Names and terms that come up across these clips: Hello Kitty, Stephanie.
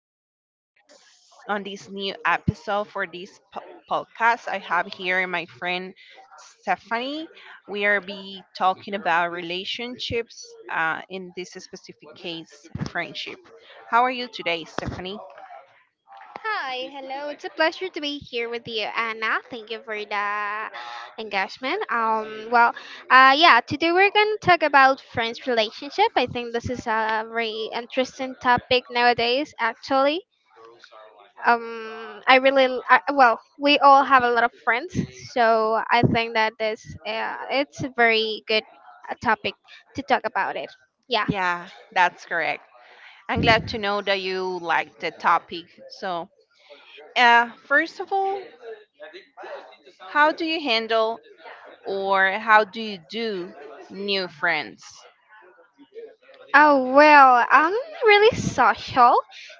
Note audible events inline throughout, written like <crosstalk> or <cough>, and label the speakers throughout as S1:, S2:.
S1: here on the use on this new episode for this podcast. I have here my friend Stephanie. We are be talking about relationships, in this specific case, friendship. How are you today, Stephanie?
S2: Hi, hello. It's a pleasure to be here with you, Anna. Thank you for the engagement. Today we're gonna talk about friends' relationship. I think this is a very interesting topic nowadays. Actually, I really well, we all have a lot of friends, so I think that this it's a very good topic to talk about it. Yeah.
S1: Yeah, that's correct. I'm glad to know that you like the topic. So first of all, how do you handle or how do you do new friends?
S2: Oh, well, I'm really social.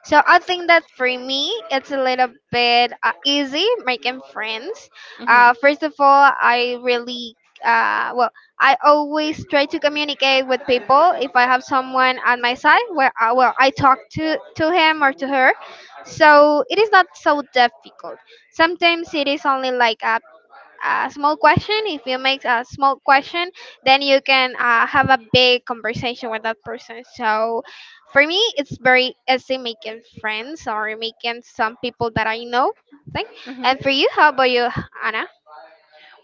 S2: So I think that for me, it's a little bit easy making friends.
S1: hmm
S2: First of all, uh, well, I always try to communicate with people. If I have someone on my side, well, I talk to him or to her. So it is not so difficult. Sometimes it is only like a small question. If you make a small question, then you can have a big conversation with that person. So for me, it's very easy making friends or making some people that I know, I think.
S1: hmm
S2: And for you, how about you, Anna?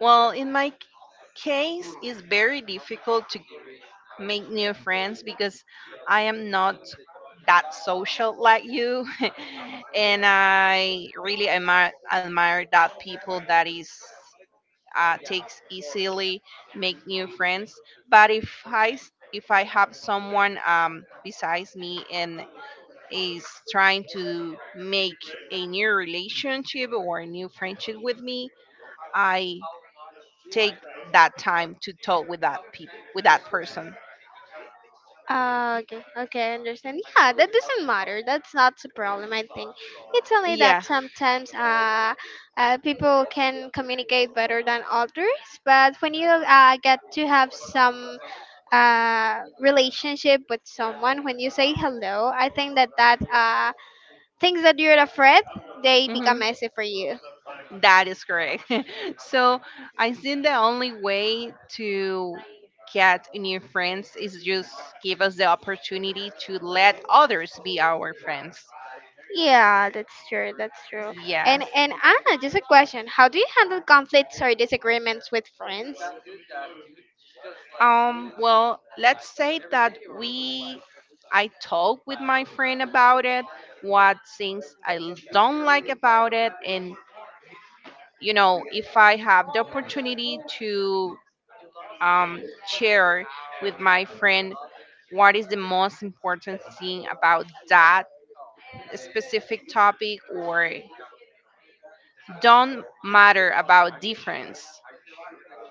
S1: Well, in my case, it's very difficult to make new friends because I am not that social like you, <laughs> and I really admire that people that is takes easily, make new friends. But if I have someone besides me and is trying to make a new relationship or a new friendship with me, I take that time to talk with that people with that person.
S2: Okay, okay, I understand. Yeah, that doesn't matter. That's not the problem, I think. It's only
S1: Yeah.
S2: that sometimes people can communicate better than others, but when you get to have some relationship with someone, when you say hello, I think that that things that you're afraid, they
S1: Mm-hmm.
S2: become easy for you.
S1: That is correct. <laughs> So I think the only way to get new friends is just give us the opportunity to let others be our friends.
S2: Yeah, that's true, that's true,
S1: Yes.
S2: and Anna, just a question, how do you handle conflicts or disagreements with friends?
S1: Well, let's say that we I talk with my friend about it, what things I don't like about it, and you know, if I have the opportunity to share with my friend what is the most important thing about that specific topic, or don't matter about difference,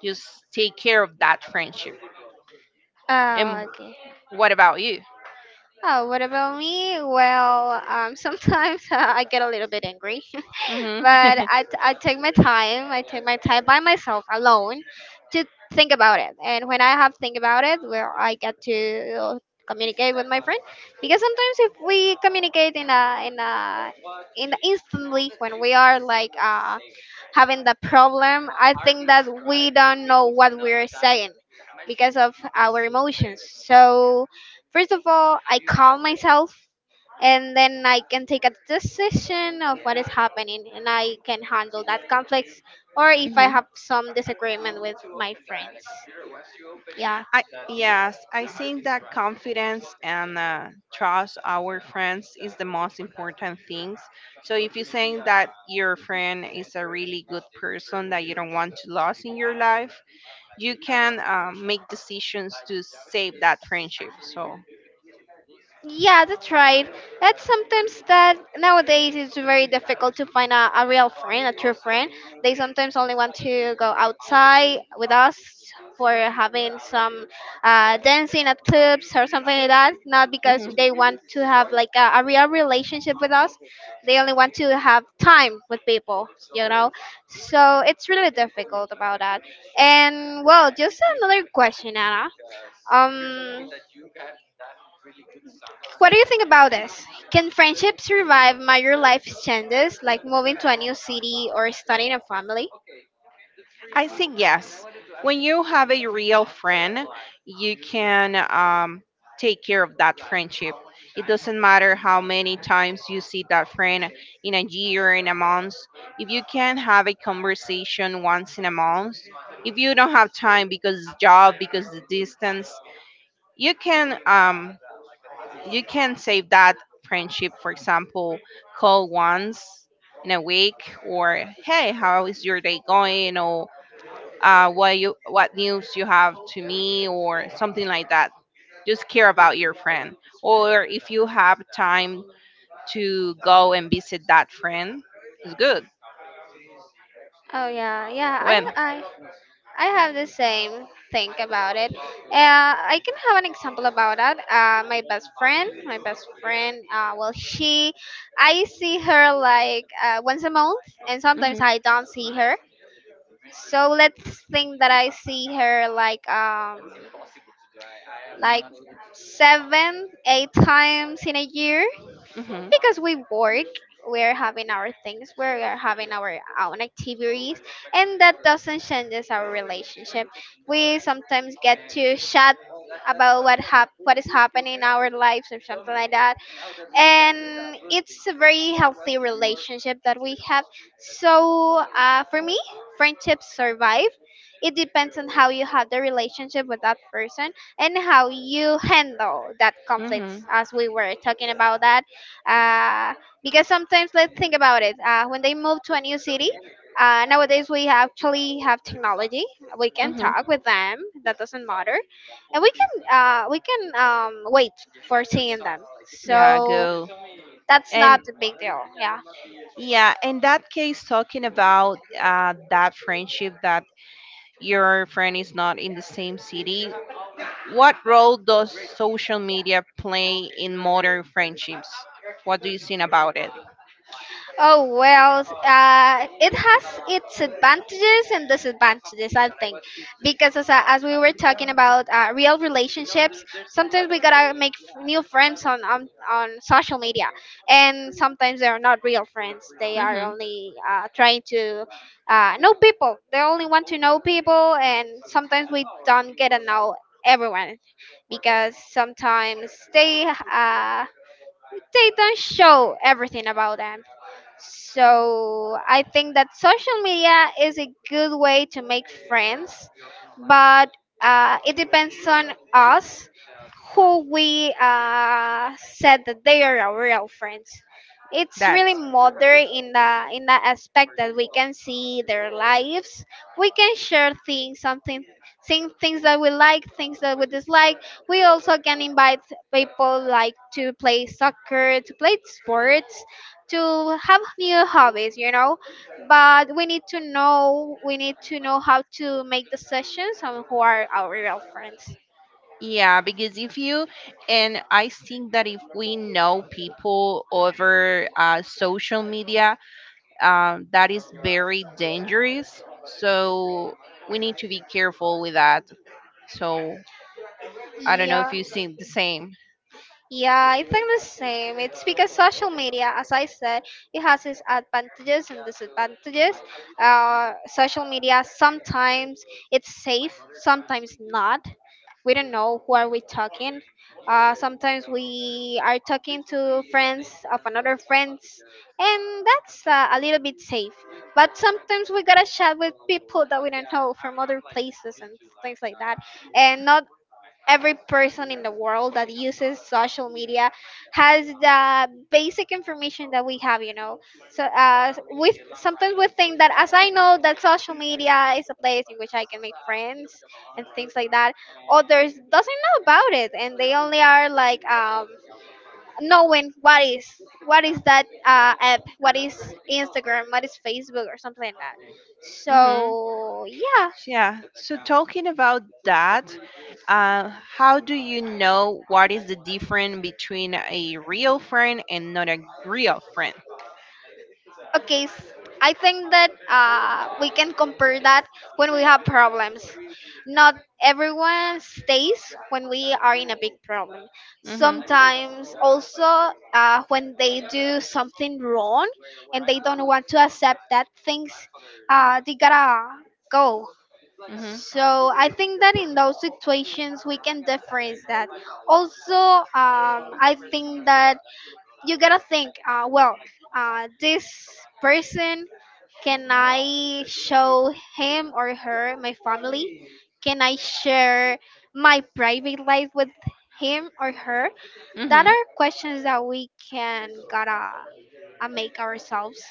S1: just take care of that friendship. And
S2: Oh, okay.
S1: what about you?
S2: Oh, what about me? Well, <laughs> sometimes I get a little bit angry,
S1: Hmm.
S2: but I take my time, I take my time by myself, alone, to think about it. And when I have think about it, well, I get to communicate with my friend, because sometimes if we communicate in a in a in instantly, when we are like having the problem, I think that we don't know what we're saying because of our emotions. So first of all, I calm myself, and then I can take a decision of what is happening and I can handle that conflicts or if I have
S1: <laughs>
S2: some disagreement with my friends. Yeah,
S1: I, yes, I think that confidence and trust our friends is the most important things. So if you're saying that your friend is a really good person that you don't want to lose in your life, you can make decisions to save that friendship. So.
S2: Yeah, that's right. That's sometimes that nowadays it's very difficult to find a real friend, a true friend. They sometimes only want to go outside with us for having some dancing at clubs or something like that, not because
S1: Mhm.
S2: they want to have like a real relationship with us. They only want to have time with people, you know? So it's really difficult about that. And well, just another question, Anna. Um, what do you think about this? Can friendship survive major life changes like moving to a new city or starting a family?
S1: I think yes. When you have a real friend, you can take care of that friendship. It doesn't matter how many times you see that friend in a year, in a month. If you can have a conversation once in a month, if you don't have time because job, because the distance, you can um, you can save that friendship. For example, call once in a week, or hey, how is your day going, or what you what news you have to me or something like that. Just care about your friend, or if you have time to go and visit that friend, it's good.
S2: Oh yeah, yeah. I
S1: When?
S2: I I have the same think about it. I can have an example about that. Uh, my best friend, I see her like once a month, and sometimes I don't see her. So let's think that I see her like like seven, eight times in a year, because we work, we're having our things, we're having our own activities, and that doesn't change our relationship. We sometimes get to chat about what is happening in our lives or something like that, and it's a very healthy relationship that we have. So for me, friendships survive. It depends on how you have the relationship with that person and how you handle that conflicts,
S1: Mm-hmm.
S2: as we were talking about that. uh, because sometimes, let's think about it, when they move to a new city, nowadays we actually have technology, we can talk with them, that doesn't matter, and we can wait for seeing them.
S1: Yeah,
S2: So
S1: go.
S2: that's
S1: And
S2: not a big deal. Yeah.
S1: yeah, in that case, talking about that friendship that your friend is not in the same city, what role does social media play in modern friendships? What do you think about it?
S2: Oh well, it has its advantages and disadvantages, I think, because as we were talking about real relationships, sometimes we gotta make new friends on social media, and sometimes they are not real friends. They are
S1: Hmm.
S2: only trying to know people. They only want to know people, and sometimes we don't get to know everyone because sometimes they don't show everything about them. So I think that social media is a good way to make friends, but it depends on us who we said that they are our real friends. It's
S1: That
S2: really
S1: is.
S2: modern in the aspect that we can see their lives. We can share things, things that we like, things that we dislike. We also can invite people like to play soccer, to play sports, to have new hobbies, you know. But we need to know how to make the sessions and who are our real friends.
S1: Yeah, because if you, and I think that if we know people over social media, that is very dangerous. So we need to be careful with that. So I don't know if
S2: Yeah.
S1: you think the same.
S2: Yeah, I think the same. It's because social media, as I said, it has its advantages and disadvantages. Social media sometimes it's safe, sometimes not. We don't know who are we talking. Sometimes we are talking to friends of another friends, and that's a little bit safe, but sometimes we gotta chat with people that we don't know from other places and things like that. And not every person in the world that uses social media has the basic information that we have, you know. So we sometimes we think that, as I know that social media is a place in which I can make friends and things like that, others doesn't know about it, and they only are like knowing what is that app, what is Instagram, what is Facebook or something like that.
S1: Hmm.
S2: So yeah.
S1: Yeah. So talking about that, uh, how do you know what is the difference between a real friend and not a real friend?
S2: Okay, s- I think that we can compare that when we have problems. Not everyone stays when we are in a big problem. Sometimes also, when they do something wrong and they don't want to accept that things, they gotta go. So I think that in those situations we can difference that. Also, I think that you gotta think, uh, well, this person, can I show him or her my family, can I share my private life with him or her? That are questions that we can gotta make ourselves.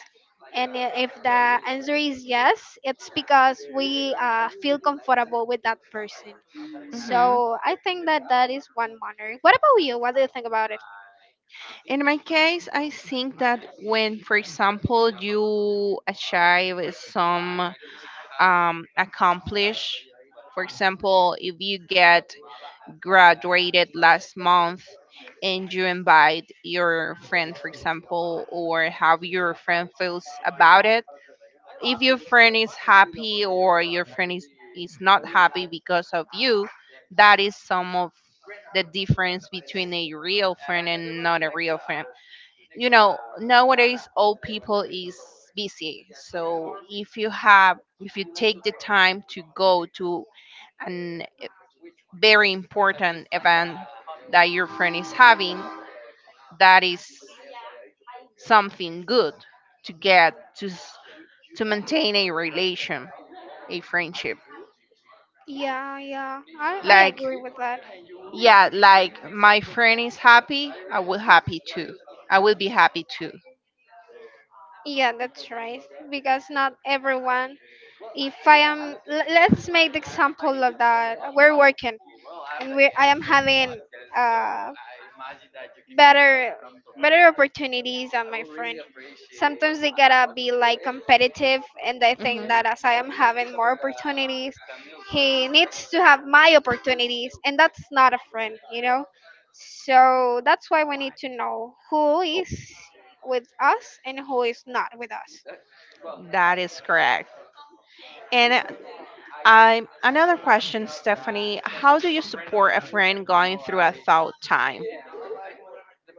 S2: And if the answer is yes, it's because we feel comfortable with that person. So I think that that is one manner. What about you? What do you think about it?
S1: In my case, I think that when, for example, you achieve some accomplish, for example, if you get graduated last month and you invite your friend, for example, or how your friend feels about it, if your friend is happy or your friend is not happy because of you, that is some of the difference between a real friend and not a real friend. You know, nowadays old people is busy, so if you have, if you take the time to go to an e- very important event that your friend is having, that is something good to get to maintain a relation, a friendship.
S2: Yeah, yeah, I
S1: Like,
S2: agree with that.
S1: yeah, like my friend is happy, I will happy too, I will be happy too.
S2: Yeah, that's right. Because not everyone, if I am, l- let's make the example of that. We're working, and we I am having a better better opportunities than my friend. Sometimes they gotta be like competitive, and I think
S1: Hmm.
S2: that as I am having more opportunities, he needs to have my opportunities, and that's not a friend, you know. So that's why we need to know who is with us and who is not with us.
S1: That is correct. And I, another question, Stephanie. How do you support a friend going through a tough time?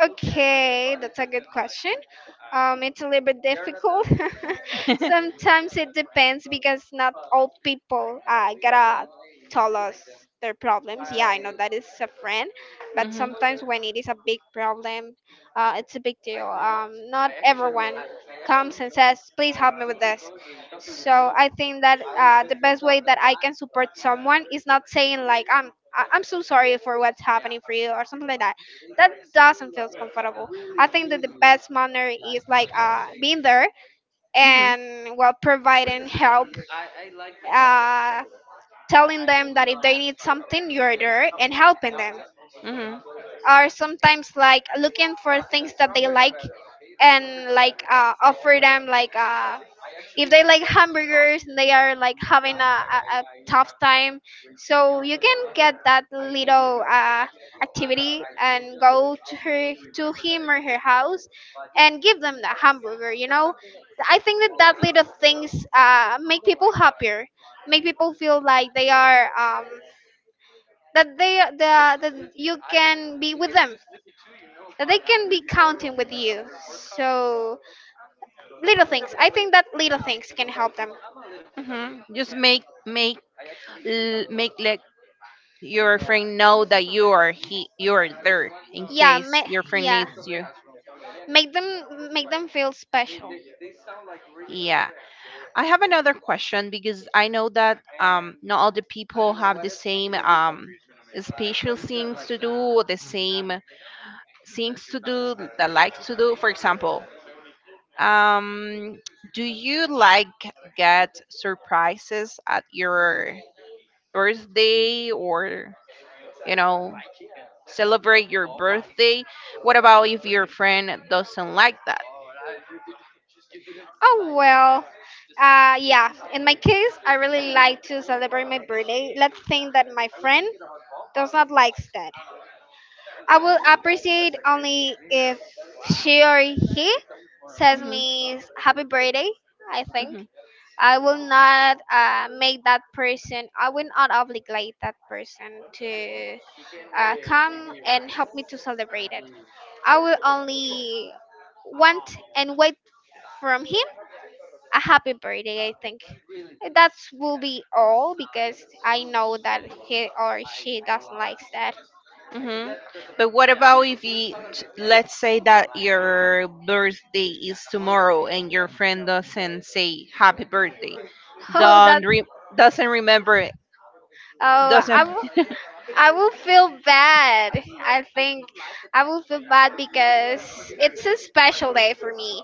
S2: Okay, that's a good question. It's a little bit difficult. <laughs>
S1: <laughs> Mhm.
S2: Sometimes it depends, because not all people gotta tell us their problems. Yeah, I know that is a friend, but
S1: Mhm.
S2: sometimes when it is a big problem, it's a big deal. Not everyone comes and says, "Please help me with this." So I think that the best way that I can support someone is not saying like, " I'm so sorry for what's happening for you" or something like that. That doesn't feel comfortable. I think that the best manner is like being there and well, providing help, uh, telling them that if they need something, you're there and helping them.
S1: Mhm.
S2: Or sometimes like looking for things that they like and like offer them, like if they like hamburgers and they are like having a tough time, so you can get that little activity and go to her to him or her house and give them the hamburger, you know. I think that that little things make people happier, make people feel like they are, that they the that you can be with them, that they can be counting with you. So little things, I think that little things can help them.
S1: Mhm. Just make let your friend know that you are he you are there in
S2: yeah
S1: case
S2: ma-
S1: your friend
S2: yeah,
S1: needs you.
S2: make them, make them feel special.
S1: Like, really. Yeah. I have another question because I know that not all the people have the same like special things like to do or the same things to do that like to do. For example, um, do you like get surprises at your birthday or you know celebrate your birthday? What about if your friend doesn't like that?
S2: Oh well, yeah, in my case, I really like to celebrate my birthday. Let's think that my friend does not likes that. I will appreciate only if she or he says me happy birthday, I think.
S1: Mhm.
S2: I will not make that person, I will not obligate that person to come and help me to celebrate it. I will only want and wait from him a happy birthday, I think. That will be all, because I know that he or she doesn't like that. <laughs>
S1: Mhm. But what about if you, let's say that your birthday is tomorrow and your friend doesn't say happy birthday,
S2: Oh, that.
S1: don't
S2: Oh,
S1: re- doesn't remember it, doesn't.
S2: I
S1: <laughs>
S2: will. I will feel bad. I think I will feel bad because it's a special day for me.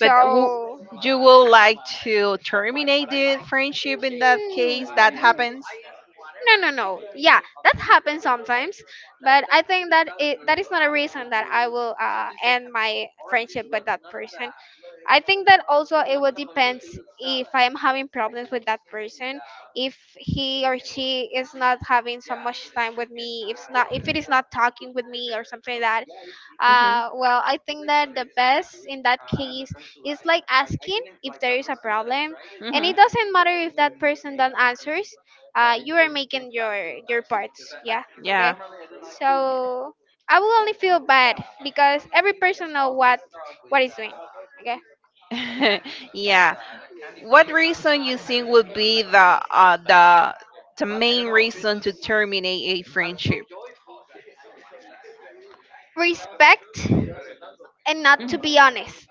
S1: But
S2: So,
S1: will, you will like to terminate the friendship in that case that
S2: mm,
S1: happens.
S2: no, no, no. Yeah, that happens sometimes, but I think that it that is not a reason that I will end my friendship with that person. I think that also it will depends if I am having problems with that person, if he or she is not having so much time with me, if it is not talking with me or something like that.
S1: Mhm.
S2: Well, I think that the best in that case is like asking if there is a problem, and
S1: Mhm.
S2: it doesn't matter if that person don't answers. You are making your parts. Yeah. Okay. So I will only feel bad because every person know what is doing. Okay.
S1: <laughs> Yeah. What reason you think would be the the main reason to terminate a friendship?
S2: Respect and not to be
S1: Mm.
S2: honest.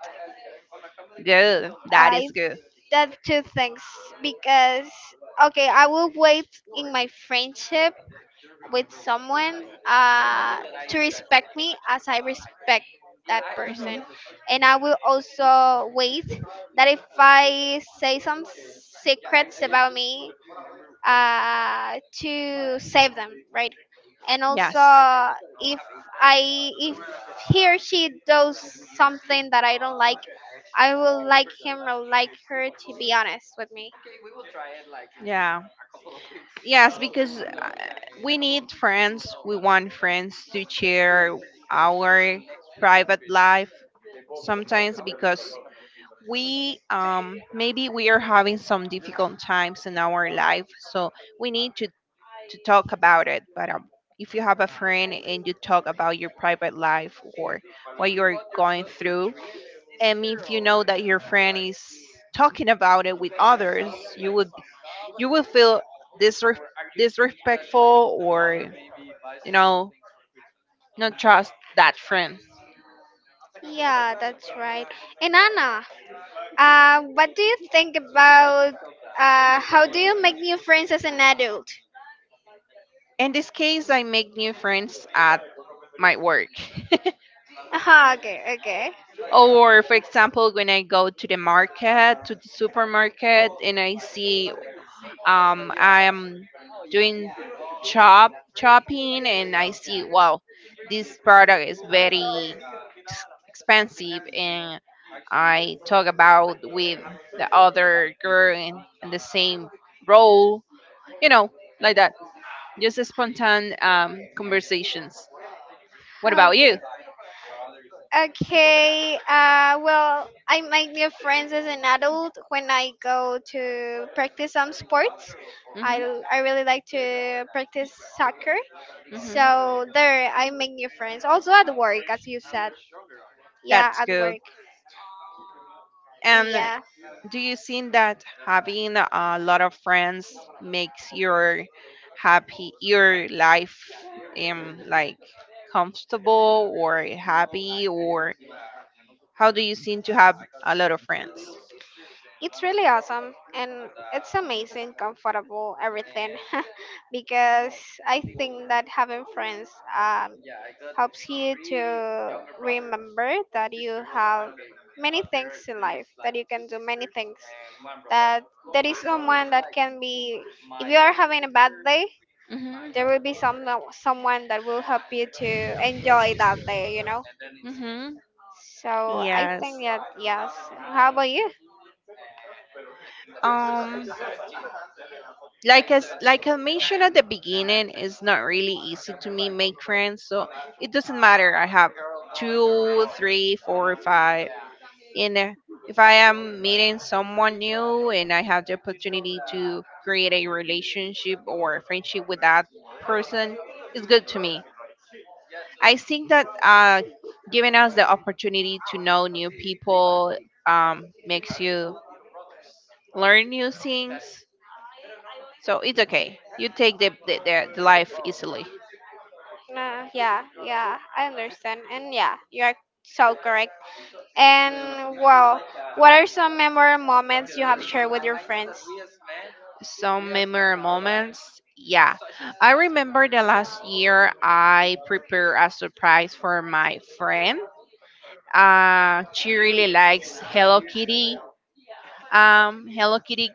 S1: Good. That
S2: I
S1: is good.
S2: that two things because okay, I will wait in my friendship with someone to respect me as I respect that person.
S1: Mhm.
S2: And I will also wait that if I say some secrets about me to save them, right? And also
S1: Yes.
S2: if if he or she does something that I don't like, I will like him or like her to be honest with me.
S1: Yeah. Yes, because we need friends. We want friends to share our private life sometimes because we maybe we are having some difficult times in our life. So we need to talk about it. But if you have a friend and you talk about your private life or what you're going through, and if you know that your friend is talking about it with others, you would you will feel disre- disrespectful or you know not trust that friend.
S2: Yeah, that's right. And Anna, what do you think about how do you make new friends as an adult?
S1: In this case, I make new friends at my work.
S2: <laughs> Okay, okay,
S1: Or, for example, when I go to the market, to the supermarket, and I see I am doing chopping, and I see wow, this product is very expensive, and I talk about with the other girl in the same role, you know, like that. Just a spontaneous conversations. What about you?
S2: okay. Okay, well, I make new friends as an adult when I go to practice some sports.
S1: Hmm.
S2: I really like to practice soccer.
S1: Hmm.
S2: So there, I make new friends. Also at work, as you said. Yeah,
S1: That's
S2: at
S1: good.
S2: work.
S1: And
S2: Yeah.
S1: do you think that having a lot of friends makes your happy your life like comfortable or happy, or how do you seem to have a lot of friends?
S2: It's really awesome and it's amazing, comfortable, everything. <laughs> because I think that having friends um, helps you to remember that you have many things in life, that you can do many things, that there is someone that can be, if you are having a bad day,
S1: Hmm.
S2: there will be someone that will help you to enjoy that day, you know?
S1: Mm-hmm.
S2: So I
S1: Yes.
S2: think that, yes. How about you?
S1: Um, like, as like I mentioned at the beginning, it's not really easy to me make friends. So it doesn't matter. I have two, three, four, five. And if I am meeting someone new and I have the opportunity to create a relationship or a friendship with that person, it's good to me. I think that giving us the opportunity to know new people makes you learn new things. So it's okay. You take the life easily.
S2: Yeah, yeah, I understand. And yeah, you are so correct. And well, what are some memorable moments you have shared with your friends?
S1: Some memorable moments, yeah. I remember the last year I prepared a surprise for my friend. She really likes Hello Kitty. Hello Kitty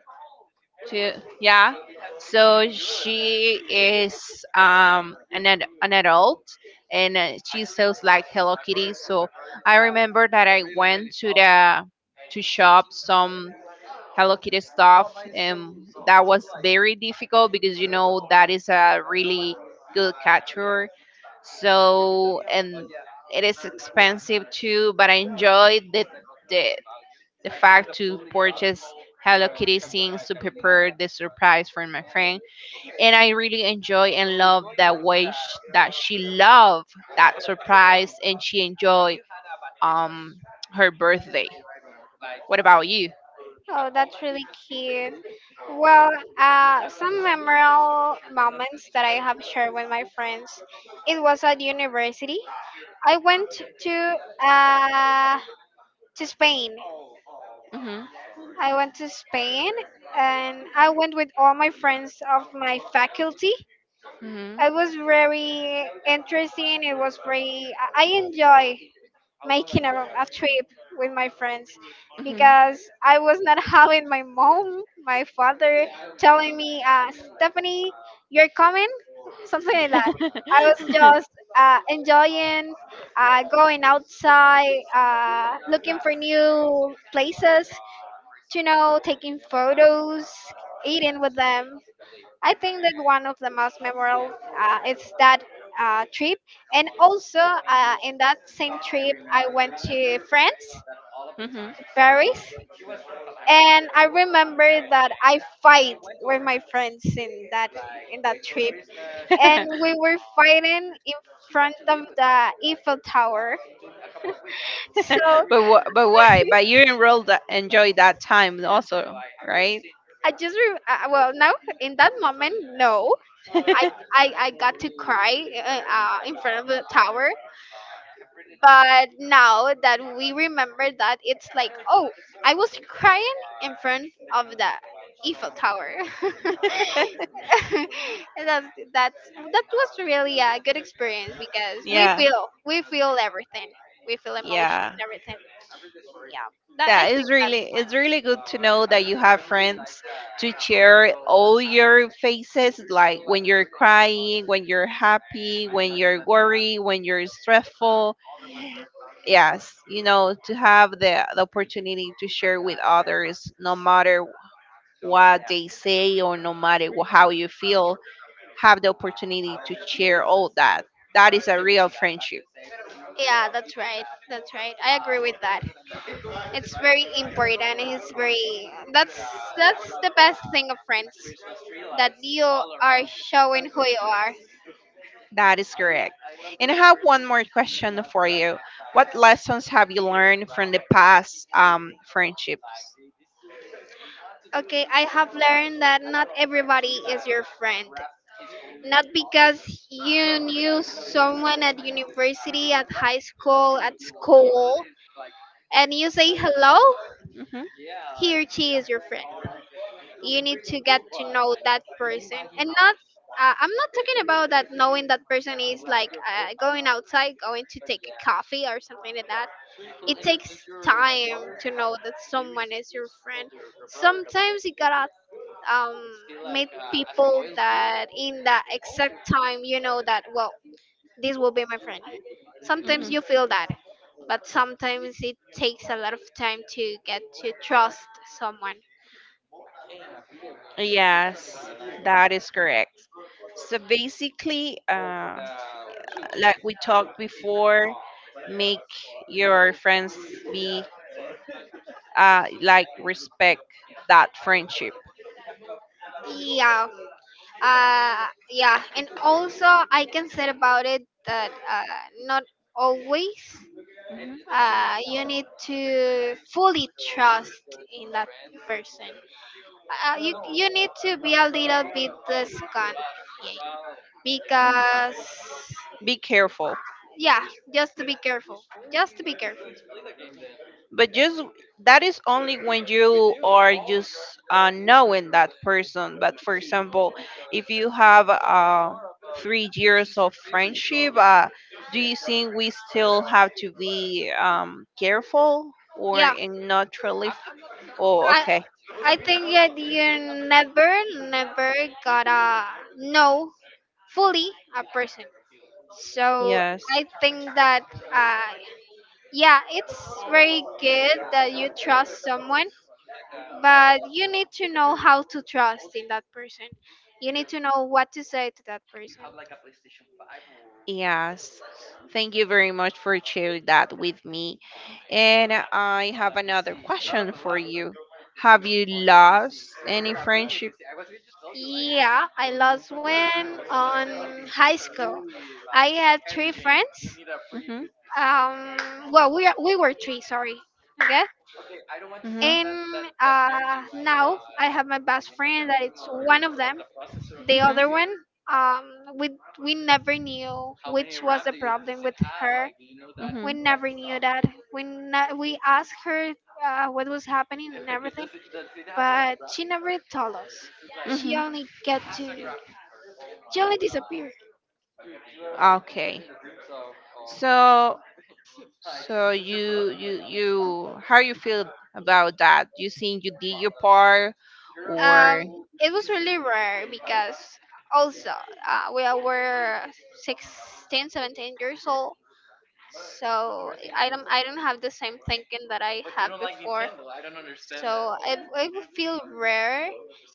S1: to yeah, so she is an adult, and she sells like Hello Kitty. So I remember that I went to the to shop some Hello Kitty stuff, and that was very difficult because you know that is a really good catcher. So, and it is expensive too. But I enjoyed the the fact to purchase Hello Kitty things to prepare the surprise for my friend. And I really enjoy and love that she loved that surprise and she enjoyed um her birthday. What about you?
S2: Oh, that's really cute. Well, some memorable moments that I have shared with my friends. It was at university. I went uh, to Spain.
S1: Mhm.
S2: I went to Spain, and I went with all my friends of my faculty.
S1: Mhm.
S2: It was very interesting. It was very. I enjoy making a trip with my friends
S1: Mhm.
S2: because I was not <laughs> having my mom, my father telling me, "Stephanie, you're coming," something like that. I was
S1: <laughs>
S2: just enjoying going outside, looking for new places, you know, taking photos, eating with them. I think that one of the most memorable is that trip, and also in that same trip, I went to France,
S1: Mhm.
S2: to Paris, and I remember that I fight with my friends in that trip, and
S1: <laughs>
S2: we were fighting in front of the Eiffel Tower. So
S1: But but why? But you enrolled that enjoy that time also, right?
S2: well now in that moment, no, I I got to cry in front of the tower, but now that we remember that, it's like, oh, I was crying in front of the Eiffel Tower. <laughs> <laughs> And that's that was really a good experience because
S1: Yeah.
S2: we feel everything. We feel emotions,
S1: Yeah.
S2: everything. Yeah, that I
S1: Yeah,
S2: think that
S1: it's really good to know that you have friends to share all your faces, like when you're crying, when you're happy, when you're worried, when you're stressful. Yes, you know, to have the opportunity to share with others, no matter what they say or no matter how you feel, have the opportunity to share all that. That is a real friendship.
S2: yeah, that's right. That's right. I agree with that. It's very important. It's very that's the best thing of friends that you are showing who you are.
S1: That is correct. And I have one more question for you. What lessons have you learned from the past friendships?
S2: Okay, I have learned that not everybody is your friend. Not because you knew someone at university, at high school, at school, and you say hello,
S1: Hmm.
S2: he or she is your friend. You need to get to know that person. And not, I'm not talking about that knowing that person is like going outside, going to take a coffee or something like that. It takes time to know that someone is your friend. Sometimes you gotta um, meet people that in that exact time you know that well this will be my friend. Sometimes
S1: Hmm.
S2: you feel that, but sometimes it takes a lot of time to get to trust someone.
S1: Yes, that is correct. So basically, like we talked before, make your friends be like respect that friendship.
S2: Yeah, yeah, and also I can say about it that not always. You need to fully trust in that person. You need to be a little bit disconfied
S1: Mhm.
S2: because
S1: Be careful.
S2: yeah, just to be careful. Just to be careful.
S1: But just that is only when you are just knowing that person. But for example, if you have 3 years of friendship, do you think we still have to be careful or
S2: Yeah,
S1: in not really? Oh,
S2: I
S1: okay.
S2: I think that you never never gotta know fully a person. So
S1: Yes.
S2: I think that uh, yeah, it's very good that you trust someone but you need to know how to trust in that person. You need to know what to say to that person.
S1: Yes. Thank you very much for sharing that with me. And I have another question for you. Have you lost any friendship?
S2: Yeah, I lost when on high school. I had three friends.
S1: hmm
S2: Um, well, we were three. Sorry. Okay.
S1: hmm
S2: And now I have my best friend. That it's one of them. The
S1: hmm
S2: other one, um, we we never knew which was the problem with her. We
S1: hmm
S2: never knew that. We asked her what was happening and everything,
S1: <laughs>
S2: but she never told us. She
S1: Mhm.
S2: only get to she only disappeared.
S1: Okay. So, so just you running you around? You how you feel about that? You think you did your part
S2: Um,
S1: or
S2: it was really rare because also we all were 16, 17 years old, so I don't have the same thinking that I had before. So it would feel rare,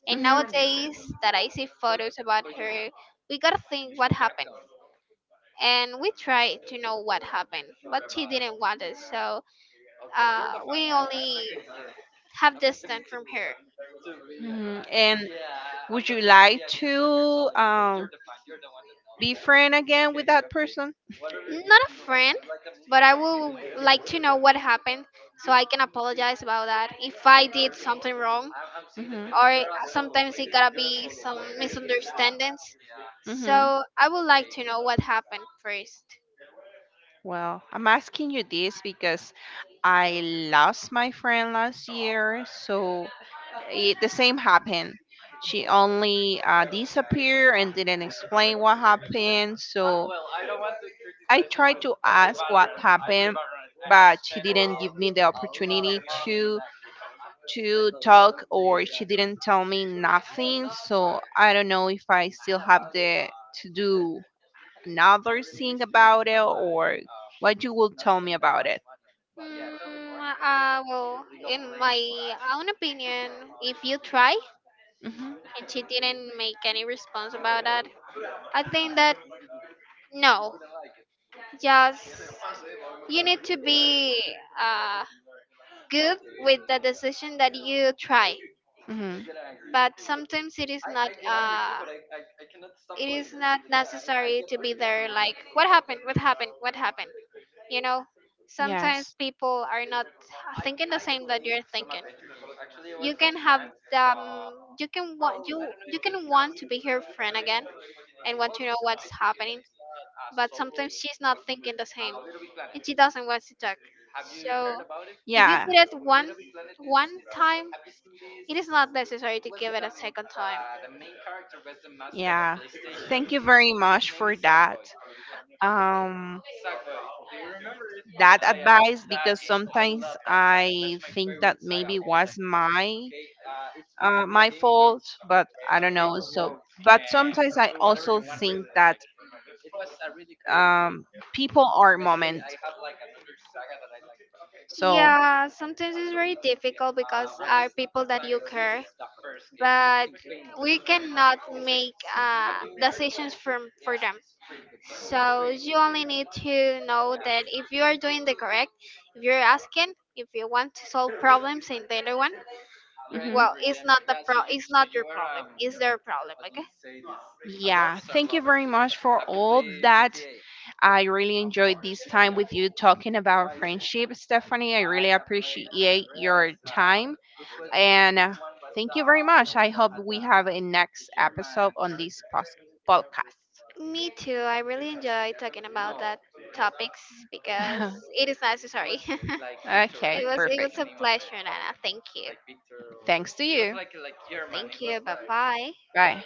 S2: and
S1: Mhm.
S2: nowadays that I see photos about her, we gotta think what happened and we tried to know what happened, but she didn't want it. So we only have distance from her.
S1: Mhm. And would you like to um be friend again with that person?
S2: Not a friend, but I would like to know what happened so I can apologize about that. If I did something wrong,
S1: Mhm.
S2: or sometimes it gotta be some misunderstandings.
S1: Mhm.
S2: So I would like to know what happened first.
S1: Well, I'm asking you this because I lost my friend last year, so it, the same happened. She only disappeared and didn't explain what happened. So I tried to ask what happened, but she didn't give me the opportunity to talk, or she didn't tell me nothing. So I don't know if I still have the to do another thing about it, or what you will tell me about it.
S2: Well, in my own opinion, if you try
S1: Hmm.
S2: and she didn't make any response about that, I think that no, just you need to be uh, good with the decision that you try.
S1: Hmm.
S2: But sometimes it is not necessary to be there. Like what happened? What happened? What happened? You know, sometimes
S1: Yes.
S2: people are not thinking the same that you're thinking. You can have um, you can want to be her friend again and want to know what's happening but sometimes she's not thinking the same and she doesn't want to talk. So if you
S1: Yeah.
S2: did it one time, it is not necessary to give it a second time.
S1: You very his Um, that time. My okay, it's but I don't I like um, people are so,
S2: Yeah, sometimes it's very difficult because are people that you care, but we cannot make decisions from for them. So you only need to know that if you are doing the correct, if you're asking, if you want to solve problems in the other one, well, it's not your problem. It's their problem, okay?
S1: yeah, thank you very much for all that. I really enjoyed this time with you talking about friendship, Stephanie. I really appreciate your time. And thank you very much. I hope we have a next episode on this podcast.
S2: Me too. I really enjoy talking about that topics because
S1: <laughs>
S2: it is necessary. <laughs>
S1: Okay,
S2: It
S1: perfect.
S2: was a pleasure, Nana. Thank you.
S1: Thanks to you.
S2: Thank you. Bye bye.
S1: Bye.